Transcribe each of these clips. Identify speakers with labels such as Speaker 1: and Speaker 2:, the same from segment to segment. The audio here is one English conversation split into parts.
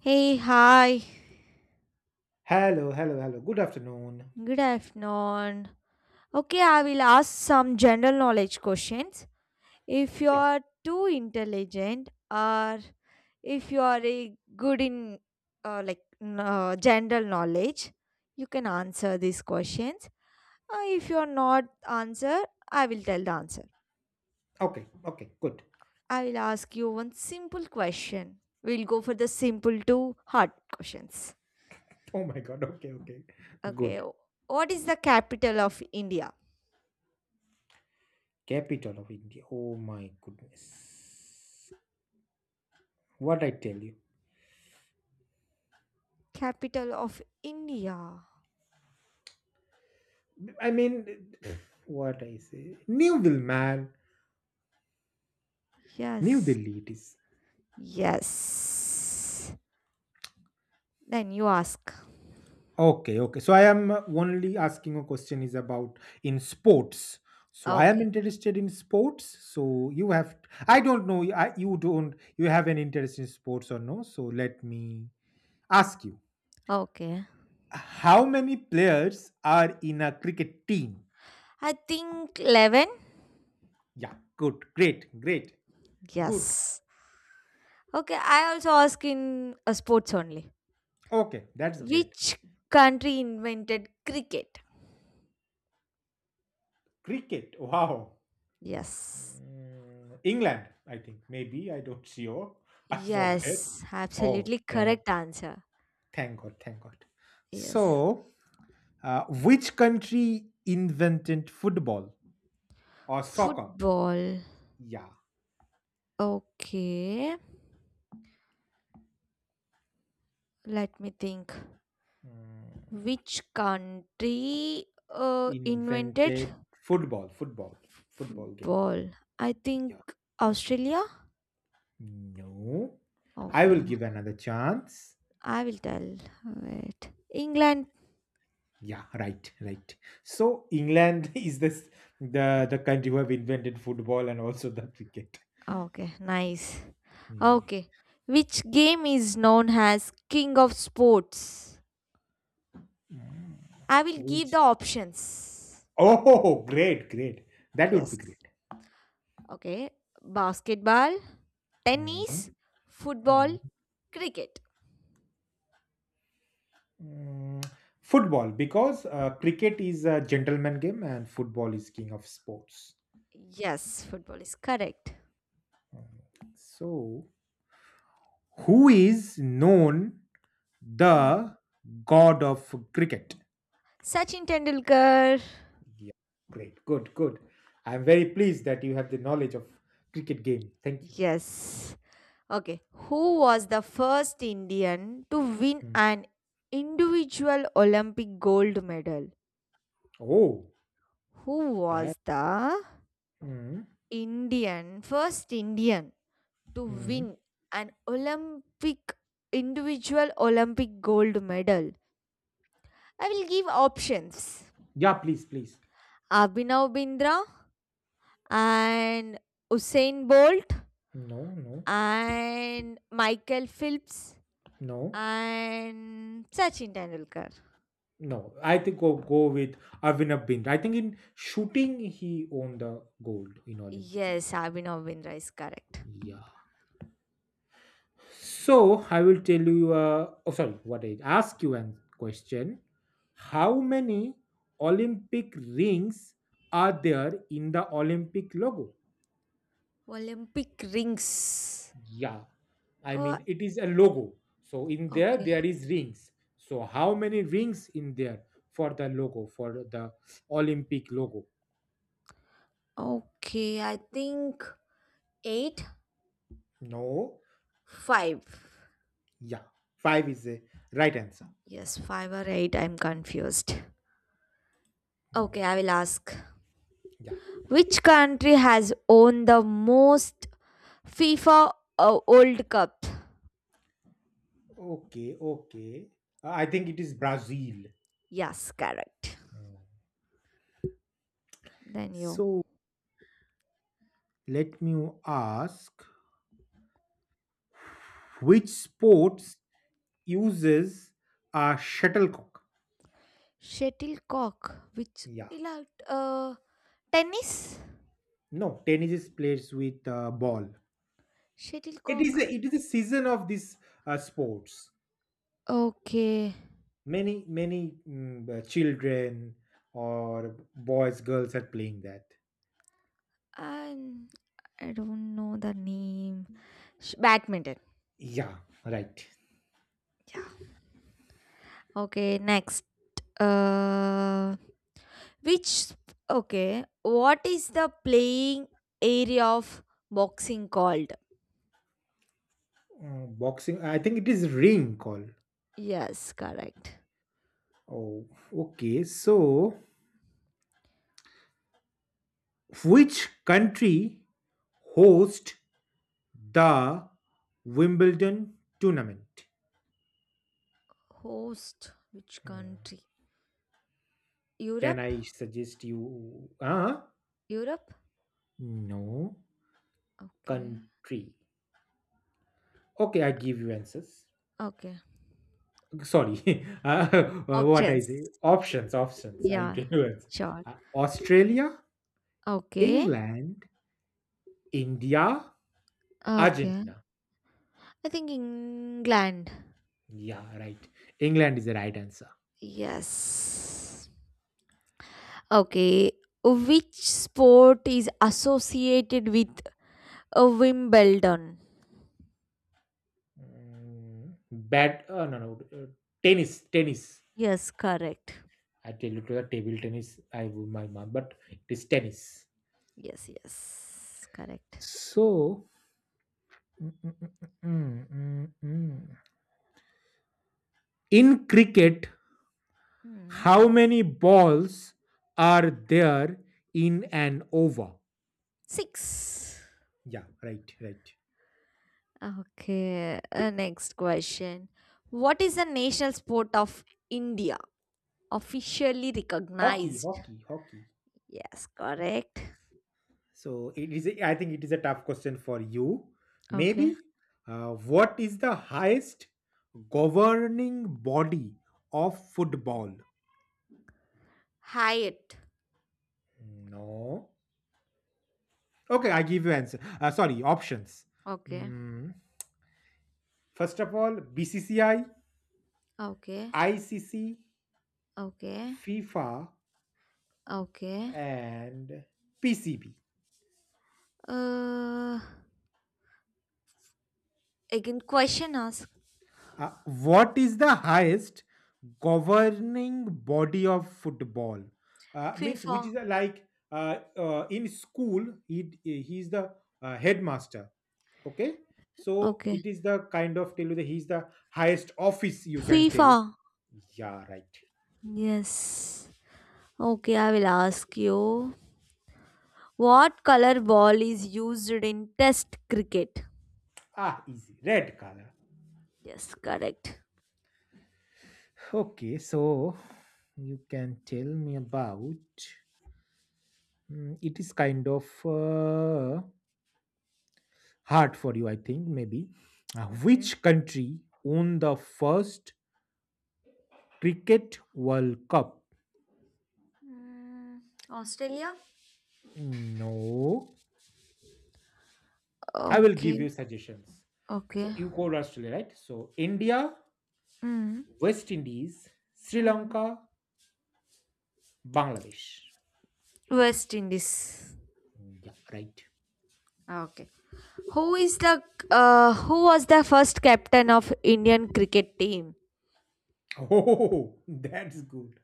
Speaker 1: Hey, hi.
Speaker 2: Hello, hello, hello. Good afternoon.
Speaker 1: Good afternoon. Okay, I will ask some general knowledge questions. If you
Speaker 2: Yeah.
Speaker 1: are too intelligent or if you are a good in like general knowledge, you can answer these questions. If you are not answer, I will tell the answer.
Speaker 2: Okay, okay, good.
Speaker 1: I will ask you one simple question. We'll go for the simple to hard questions.
Speaker 2: Oh my God. Okay, okay.
Speaker 1: Okay.
Speaker 2: Good.
Speaker 1: What is the capital of India?
Speaker 2: Capital of India. Oh my goodness. What I tell you.
Speaker 1: Capital of India.
Speaker 2: I mean, what I say? New Delhi, man. New
Speaker 1: Yes.
Speaker 2: Delhi it is.
Speaker 1: Yes. Then you ask.
Speaker 2: Okay, okay. So I am only asking a question is about in sports. So I am
Speaker 1: Okay.
Speaker 2: interested in sports. So you have, I don't know, you don't, you have an interest in sports or no. So let me ask you.
Speaker 1: Okay.
Speaker 2: How many players are in a cricket team?
Speaker 1: I think 11.
Speaker 2: Yeah, good, great, great, good.
Speaker 1: Yes. Okay. I also ask in sports only.
Speaker 2: Okay, that's great.
Speaker 1: Which country invented cricket?
Speaker 2: Cricket, wow.
Speaker 1: Yes.
Speaker 2: England, I think. Maybe, I don't sure. I forget.
Speaker 1: Yes.
Speaker 2: Oh,
Speaker 1: Absolutely correct answer.
Speaker 2: thank God, thank God.
Speaker 1: Yes.
Speaker 2: So, which country invented football or soccer?
Speaker 1: Football.
Speaker 2: Yeah.
Speaker 1: Okay. Let me think.
Speaker 2: Mm,
Speaker 1: Which country invented
Speaker 2: Invented football, football, Football game.
Speaker 1: football. I think
Speaker 2: Yeah.
Speaker 1: Australia.
Speaker 2: No, I
Speaker 1: Okay,
Speaker 2: will give another chance.
Speaker 1: I will tell. Wait. England.
Speaker 2: Yeah, right, right. So England is this the country who have invented football and also the cricket.
Speaker 1: Okay, nice.
Speaker 2: Hmm.
Speaker 1: Okay. Which game is known as King of Sports?
Speaker 2: Mm.
Speaker 1: I will give the
Speaker 2: Which?
Speaker 1: options.
Speaker 2: Oh, great, great. That would be
Speaker 1: Yes.
Speaker 2: great.
Speaker 1: Okay. Basketball,
Speaker 2: Mhm,
Speaker 1: tennis, football,
Speaker 2: mhm.
Speaker 1: cricket.
Speaker 2: Mm, Football, because cricket is a gentleman game and football is king of sports.
Speaker 1: Yes, football is correct.
Speaker 2: So, who is known
Speaker 1: Hmm.
Speaker 2: the god of cricket?
Speaker 1: Sachin Tendulkar.
Speaker 2: Yeah, great. Good, good. I'm very pleased that you have the knowledge of cricket game. Thank you.
Speaker 1: Yes. Okay, who was the first Indian to win
Speaker 2: Mm.
Speaker 1: an individual Olympic gold medal?
Speaker 2: Oh,
Speaker 1: Who
Speaker 2: that.
Speaker 1: was the
Speaker 2: Mm,
Speaker 1: Indian, first Indian to
Speaker 2: mm.
Speaker 1: win an Olympic, individual Olympic gold medal? I will give options
Speaker 2: Yeah, please, please.
Speaker 1: Abhinav Bindra and Usain Bolt
Speaker 2: No, no,
Speaker 1: and Michael Phelps
Speaker 2: no,
Speaker 1: and Sachin Tendulkar.
Speaker 2: no. I think go with Arvinab Bindra. I think in shooting he won the gold in Olympic.
Speaker 1: Yes, Abhinav Bindra is correct.
Speaker 2: Yeah. So I will tell you. Oh, sorry. What I ask you an question. How many Olympic rings are there in the Olympic logo?
Speaker 1: Olympic rings.
Speaker 2: Yeah, I
Speaker 1: Oh,
Speaker 2: mean it is a logo. So in there
Speaker 1: okay.
Speaker 2: there is rings. So how many rings in there for the logo for the Olympic logo?
Speaker 1: Okay, I think eight,
Speaker 2: No.
Speaker 1: five.
Speaker 2: Yeah. Five is the right answer.
Speaker 1: Yes, five or eight. I'm confused. Okay, I will ask.
Speaker 2: Yeah.
Speaker 1: Which country has won the most FIFA World Cup?
Speaker 2: Okay, okay. I think it is Brazil.
Speaker 1: Yes, correct. Then you.
Speaker 2: So let me ask which sports uses a shuttlecock?
Speaker 1: Shuttlecock. Which?
Speaker 2: Yeah.
Speaker 1: ಇಲ್ಲ, Uh, tennis?
Speaker 2: No, tennis is played with a ball. It is
Speaker 1: Shuttlecock.
Speaker 2: it is a season of this sports.
Speaker 1: Okay.
Speaker 2: Many many children or boys girls are playing that.
Speaker 1: Um, I don't know the name. Badminton.
Speaker 2: Yeah, right.
Speaker 1: Yeah. Okay, next. Uh, which sp- okay, what is the playing area of boxing called?
Speaker 2: Boxing, I think it is ring call.
Speaker 1: Yes, correct.
Speaker 2: Oh, okay, so which country host the Wimbledon tournament?
Speaker 1: Host which
Speaker 2: Hmm,
Speaker 1: country?
Speaker 2: can
Speaker 1: Europe?
Speaker 2: I suggest you? ah
Speaker 1: Europe?
Speaker 2: no
Speaker 1: Okay.
Speaker 2: country. Okay, I give you answers.
Speaker 1: Okay.
Speaker 2: Sorry, what I
Speaker 1: Options.
Speaker 2: say? Options, options. I
Speaker 1: Yeah,
Speaker 2: can do it.
Speaker 1: sure.
Speaker 2: Australia,
Speaker 1: Okay.
Speaker 2: England, India,
Speaker 1: Okay.
Speaker 2: Argentina.
Speaker 1: I think England.
Speaker 2: Yeah, right. England is the right answer.
Speaker 1: Yes. Okay, which sport is associated with a Wimbledon?
Speaker 2: Mm, Bad. No, no. Tennis, tennis.
Speaker 1: Yes, correct.
Speaker 2: I tell you to the table tennis. I would my mom, but it is tennis.
Speaker 1: Yes, yes, correct.
Speaker 2: So, mm, mm, mm, mm, mm, mm. mm. in cricket,
Speaker 1: Hmm.
Speaker 2: how many balls are there in an over?
Speaker 1: Six.
Speaker 2: Yeah, right, right.
Speaker 1: Okay, next question. What is the national sport of India? Officially
Speaker 2: Hockey,
Speaker 1: recognized.
Speaker 2: hockey, hockey.
Speaker 1: Yes, correct.
Speaker 2: So it is. I think it is a tough question for you.
Speaker 1: Okay.
Speaker 2: Maybe. What is the highest governing body of football?
Speaker 1: Hyatt.
Speaker 2: No. Okay, I give you answer. Sorry, options.
Speaker 1: Okay.
Speaker 2: Mm, First of all, BCCI,
Speaker 1: Okay.
Speaker 2: ICC,
Speaker 1: Okay.
Speaker 2: FIFA,
Speaker 1: Okay.
Speaker 2: and PCB.
Speaker 1: Uh, Again, question ask.
Speaker 2: What is the highest governing body of football? Means which
Speaker 1: FIFA.
Speaker 2: is in school he is the headmaster. Okay, so
Speaker 1: Okay.
Speaker 2: it is the kind of tell you that he is the highest office you can tell.
Speaker 1: FIFA.
Speaker 2: Yeah, right.
Speaker 1: Yes. Okay, I will ask you. What color ball is used in Test cricket?
Speaker 2: Ah, easy. Red color.
Speaker 1: Yes, correct.
Speaker 2: Okay, so you can tell me about. It is kind of. Hard for you, I think, maybe.
Speaker 1: Okay.
Speaker 2: Which country won the first Cricket World Cup?
Speaker 1: Mm, Australia?
Speaker 2: No. I will give you
Speaker 1: Okay,
Speaker 2: suggestions. So
Speaker 1: okay.
Speaker 2: you called Australia, right? So India,
Speaker 1: Mm.
Speaker 2: West Indies, Sri
Speaker 1: Mm.
Speaker 2: Lanka, Bangladesh.
Speaker 1: West Indies.
Speaker 2: Yeah, right.
Speaker 1: Ah, okay. Who is the who was the first captain of Indian cricket team?
Speaker 2: Oh, that's good.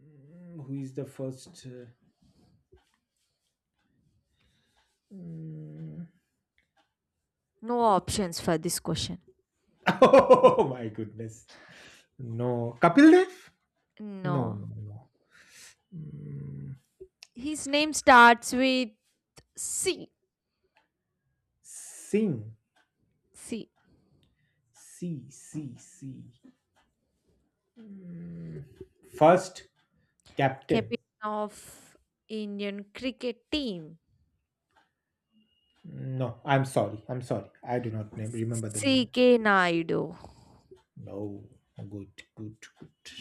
Speaker 2: Who is the first? Mm,
Speaker 1: No options for this question.
Speaker 2: Oh my goodness. No. Kapil Dev? No, no,
Speaker 1: No.
Speaker 2: no.
Speaker 1: His name starts with C.
Speaker 2: Singh.
Speaker 1: C.
Speaker 2: C, C, C. Mm, First captain.
Speaker 1: captain of Indian cricket team?
Speaker 2: No, I'm sorry. I'm sorry. I do not name, remember the name.
Speaker 1: CK Naidu.
Speaker 2: No, good, good, good.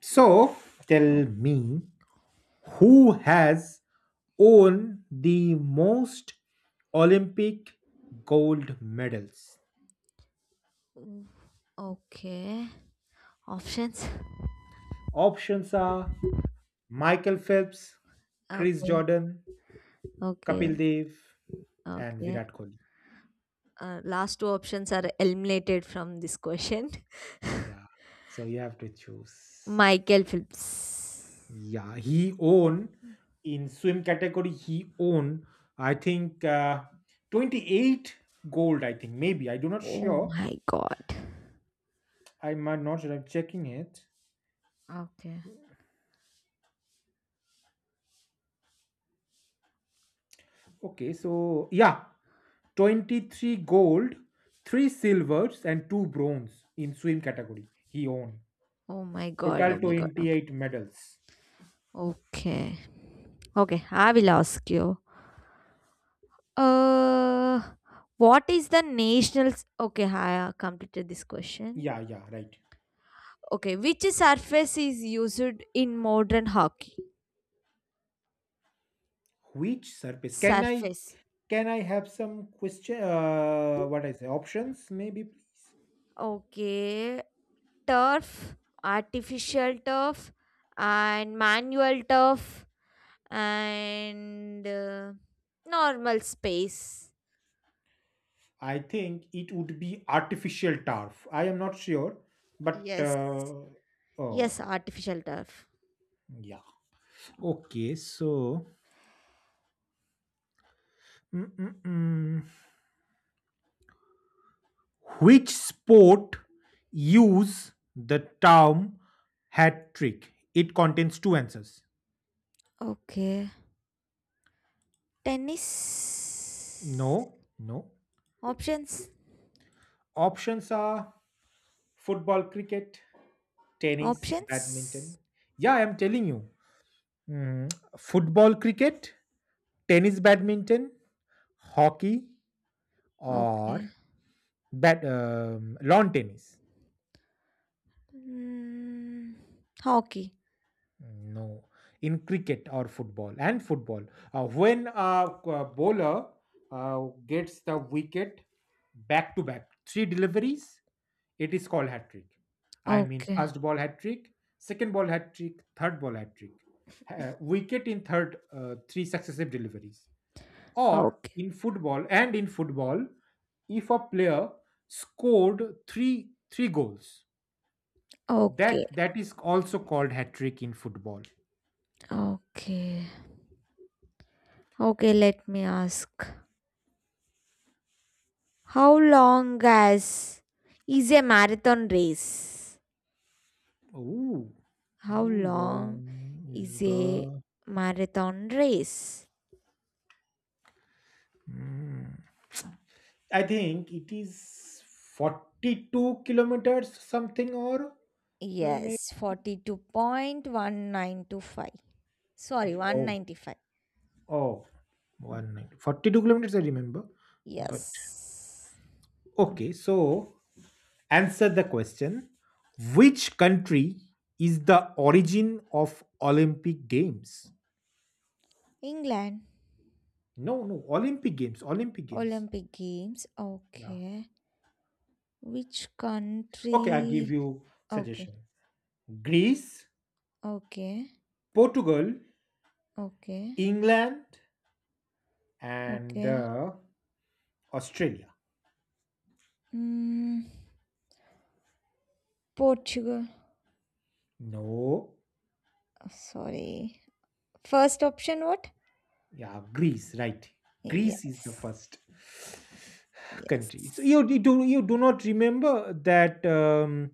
Speaker 2: So tell me who has won the most Olympic gold medals?
Speaker 1: Mm, Okay. Options?
Speaker 2: Options are Michael Phelps, Chris
Speaker 1: Okay.
Speaker 2: Jordan, Kapil
Speaker 1: Okay.
Speaker 2: Dev, and
Speaker 1: Okay.
Speaker 2: Virat Kohli.
Speaker 1: Last two options are eliminated from this question.
Speaker 2: Yeah. So you have to choose.
Speaker 1: Michael Phillips.
Speaker 2: Yeah, he own in swim category. He own, I think 28 gold. I think maybe I do not
Speaker 1: Oh
Speaker 2: sure.
Speaker 1: my god.
Speaker 2: I might not sure. I'm checking it.
Speaker 1: Okay.
Speaker 2: Okay, so yeah, 23 gold, three silvers, and two bronze in swim category. He own
Speaker 1: Oh my god.
Speaker 2: total
Speaker 1: Oh my god.
Speaker 2: 28 medals.
Speaker 1: Okay. Okay. I will ask you. Uh, what is the national? Okay. I completed this question.
Speaker 2: Yeah, yeah, right.
Speaker 1: Okay, which surface is used in modern hockey?
Speaker 2: Which surface?
Speaker 1: Surface.
Speaker 2: Can I have some question? What I say options maybe please.
Speaker 1: Okay, turf, artificial turf, and manual turf, and normal space.
Speaker 2: I think it would be artificial turf. I am not sure, but
Speaker 1: Yes,
Speaker 2: oh
Speaker 1: yes, artificial turf.
Speaker 2: yeah. Okay, so mm, mm, mm. which sport use the term hat trick? It contains two answers.
Speaker 1: Okay, tennis.
Speaker 2: No, no.
Speaker 1: Options,
Speaker 2: Options are football, cricket, tennis, badminton.
Speaker 1: options.
Speaker 2: Yeah, I am telling you. Mm, Football, cricket, tennis, badminton, hockey,
Speaker 1: Okay,
Speaker 2: or bat lawn tennis.
Speaker 1: mm, hockey.
Speaker 2: No, in cricket or football and football, bowler uh, gets the wicket back to back three deliveries, it is called hat trick. I mean
Speaker 1: Okay,
Speaker 2: first ball hat trick, second ball hat trick, third ball hat trick, wicket in third three successive deliveries, or
Speaker 1: okay,
Speaker 2: in football and in football, if a player scored three goals. That
Speaker 1: okay.
Speaker 2: that is also called hat trick in football.
Speaker 1: Okay. Okay, let me ask. How long as is a marathon race?
Speaker 2: Ooh, how
Speaker 1: How long
Speaker 2: long is
Speaker 1: is a
Speaker 2: the?
Speaker 1: marathon race?
Speaker 2: Hmm. I think it is 42 kilometers, something or maybe.
Speaker 1: Yes, 42.1925. Sorry,
Speaker 2: Oh,
Speaker 1: 195.
Speaker 2: oh, one minute. 42 kilometers, I remember. But
Speaker 1: Yes.
Speaker 2: okay, so answer the question: which country is the origin of Olympic Games?
Speaker 1: England.
Speaker 2: No, no, Olympic Games, Olympic Games.
Speaker 1: Olympic Games.
Speaker 2: Yeah.
Speaker 1: Okay. Which
Speaker 2: Okay, I'll give
Speaker 1: country?
Speaker 2: you
Speaker 1: Okay.
Speaker 2: suggestion. Greece,
Speaker 1: Okay.
Speaker 2: Portugal,
Speaker 1: Okay.
Speaker 2: England, and
Speaker 1: Okay.
Speaker 2: Australia.
Speaker 1: Mm, Portugal.
Speaker 2: No.
Speaker 1: Sorry. First option, what?
Speaker 2: Yeah, Greece, right. Greece is the
Speaker 1: Yes.
Speaker 2: first country. So
Speaker 1: Yes.
Speaker 2: you do not remember that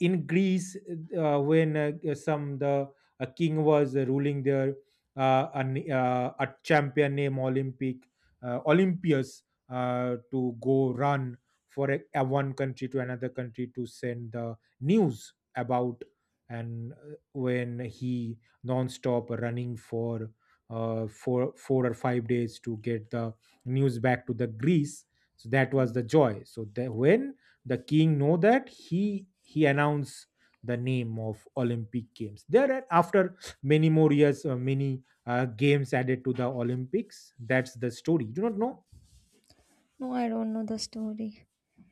Speaker 2: in Greece when some the a king was ruling there, a champion named Olympic, Olympius, to go run for a one country to another country to send the news about, and when he non-stop running for 4 or 5 days to get the news back to the Greece. So that was the joy. So when the king know that he announced the name of Olympic Games. There after many more years, many games added to the Olympics. That's the story. You do not know?
Speaker 1: No, I don't know the story.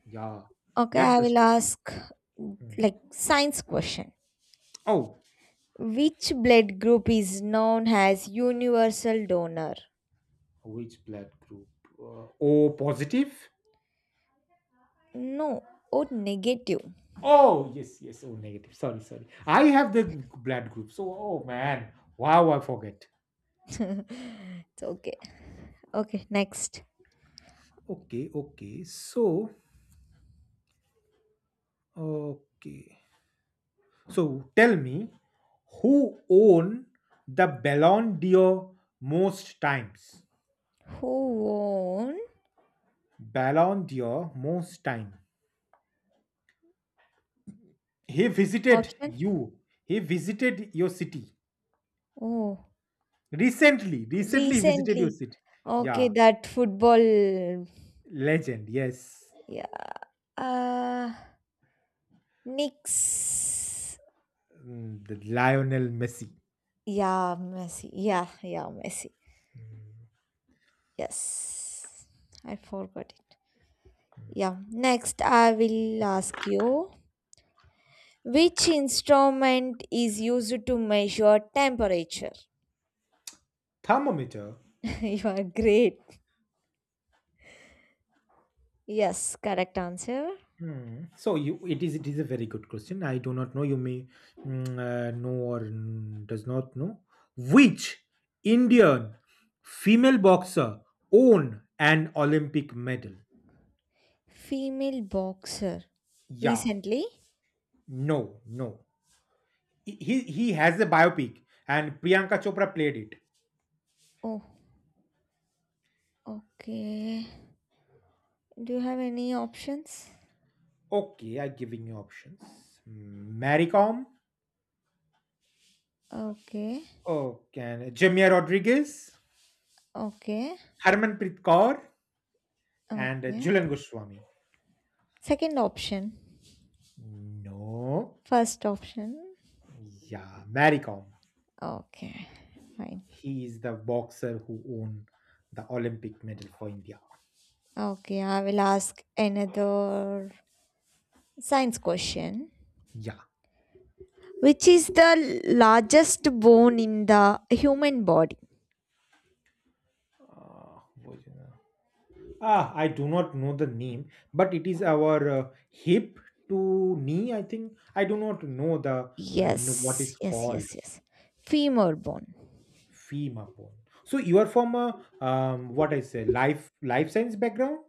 Speaker 2: Yeah,
Speaker 1: Okay,
Speaker 2: that's
Speaker 1: I
Speaker 2: the
Speaker 1: will
Speaker 2: story.
Speaker 1: ask
Speaker 2: Mm.
Speaker 1: like science question.
Speaker 2: Oh,
Speaker 1: Which blood group is known as universal donor?
Speaker 2: which blood group? O positive.
Speaker 1: No, O negative.
Speaker 2: Oh, yes, yes. Oh, negative. Sorry, sorry. I have the blood group. So, oh man, wow, I forget.
Speaker 1: It's okay. Okay, next.
Speaker 2: Okay, okay. So, okay. So, tell me who won the Ballon d'Or most times?
Speaker 1: Who won?
Speaker 2: Ballon d'Or most time. He visited
Speaker 1: Option?
Speaker 2: you. He visited your city
Speaker 1: Oh,
Speaker 2: recently. Recently, he visited your
Speaker 1: recently.
Speaker 2: city.
Speaker 1: Okay,
Speaker 2: Yeah,
Speaker 1: that football.
Speaker 2: legend. Yes.
Speaker 1: Yeah. Uh, Knicks.
Speaker 2: The Lionel Messi.
Speaker 1: Yeah, Messi. Yeah, yeah, Messi. Yes, I forgot it. Yeah, next I will ask you which instrument is used to measure temperature?
Speaker 2: Thermometer.
Speaker 1: You are great. Yes, correct answer.
Speaker 2: Hmm. So you, it is a very good question. I do not know. You may know or does not know which Indian female boxer won an Olympic medal.
Speaker 1: Female boxer.
Speaker 2: Yeah,
Speaker 1: Recently?
Speaker 2: no, no. He has a biopic, and Priyanka Chopra played it.
Speaker 1: Oh, okay. Do you have any options?
Speaker 2: Okay, I'm giving you options. Maricom,
Speaker 1: Okay,
Speaker 2: okay, and Jamia Rodriguez,
Speaker 1: okay,
Speaker 2: Harmanpreet Kaur, and
Speaker 1: okay.
Speaker 2: Julan Goswami.
Speaker 1: Second option.
Speaker 2: No.
Speaker 1: First option.
Speaker 2: Yeah, Maricom.
Speaker 1: Okay, fine.
Speaker 2: He is the boxer who won the Olympic medal for India.
Speaker 1: Okay, I will ask another science question.
Speaker 2: Yeah.
Speaker 1: Which is the largest bone in the human body?
Speaker 2: What is it? I do not know the name, but it is our hip to knee. I think I do not know the what is
Speaker 1: Yes, yes,
Speaker 2: called
Speaker 1: yes, yes. Femur bone.
Speaker 2: femur bone. So you are from a what I say, life science background.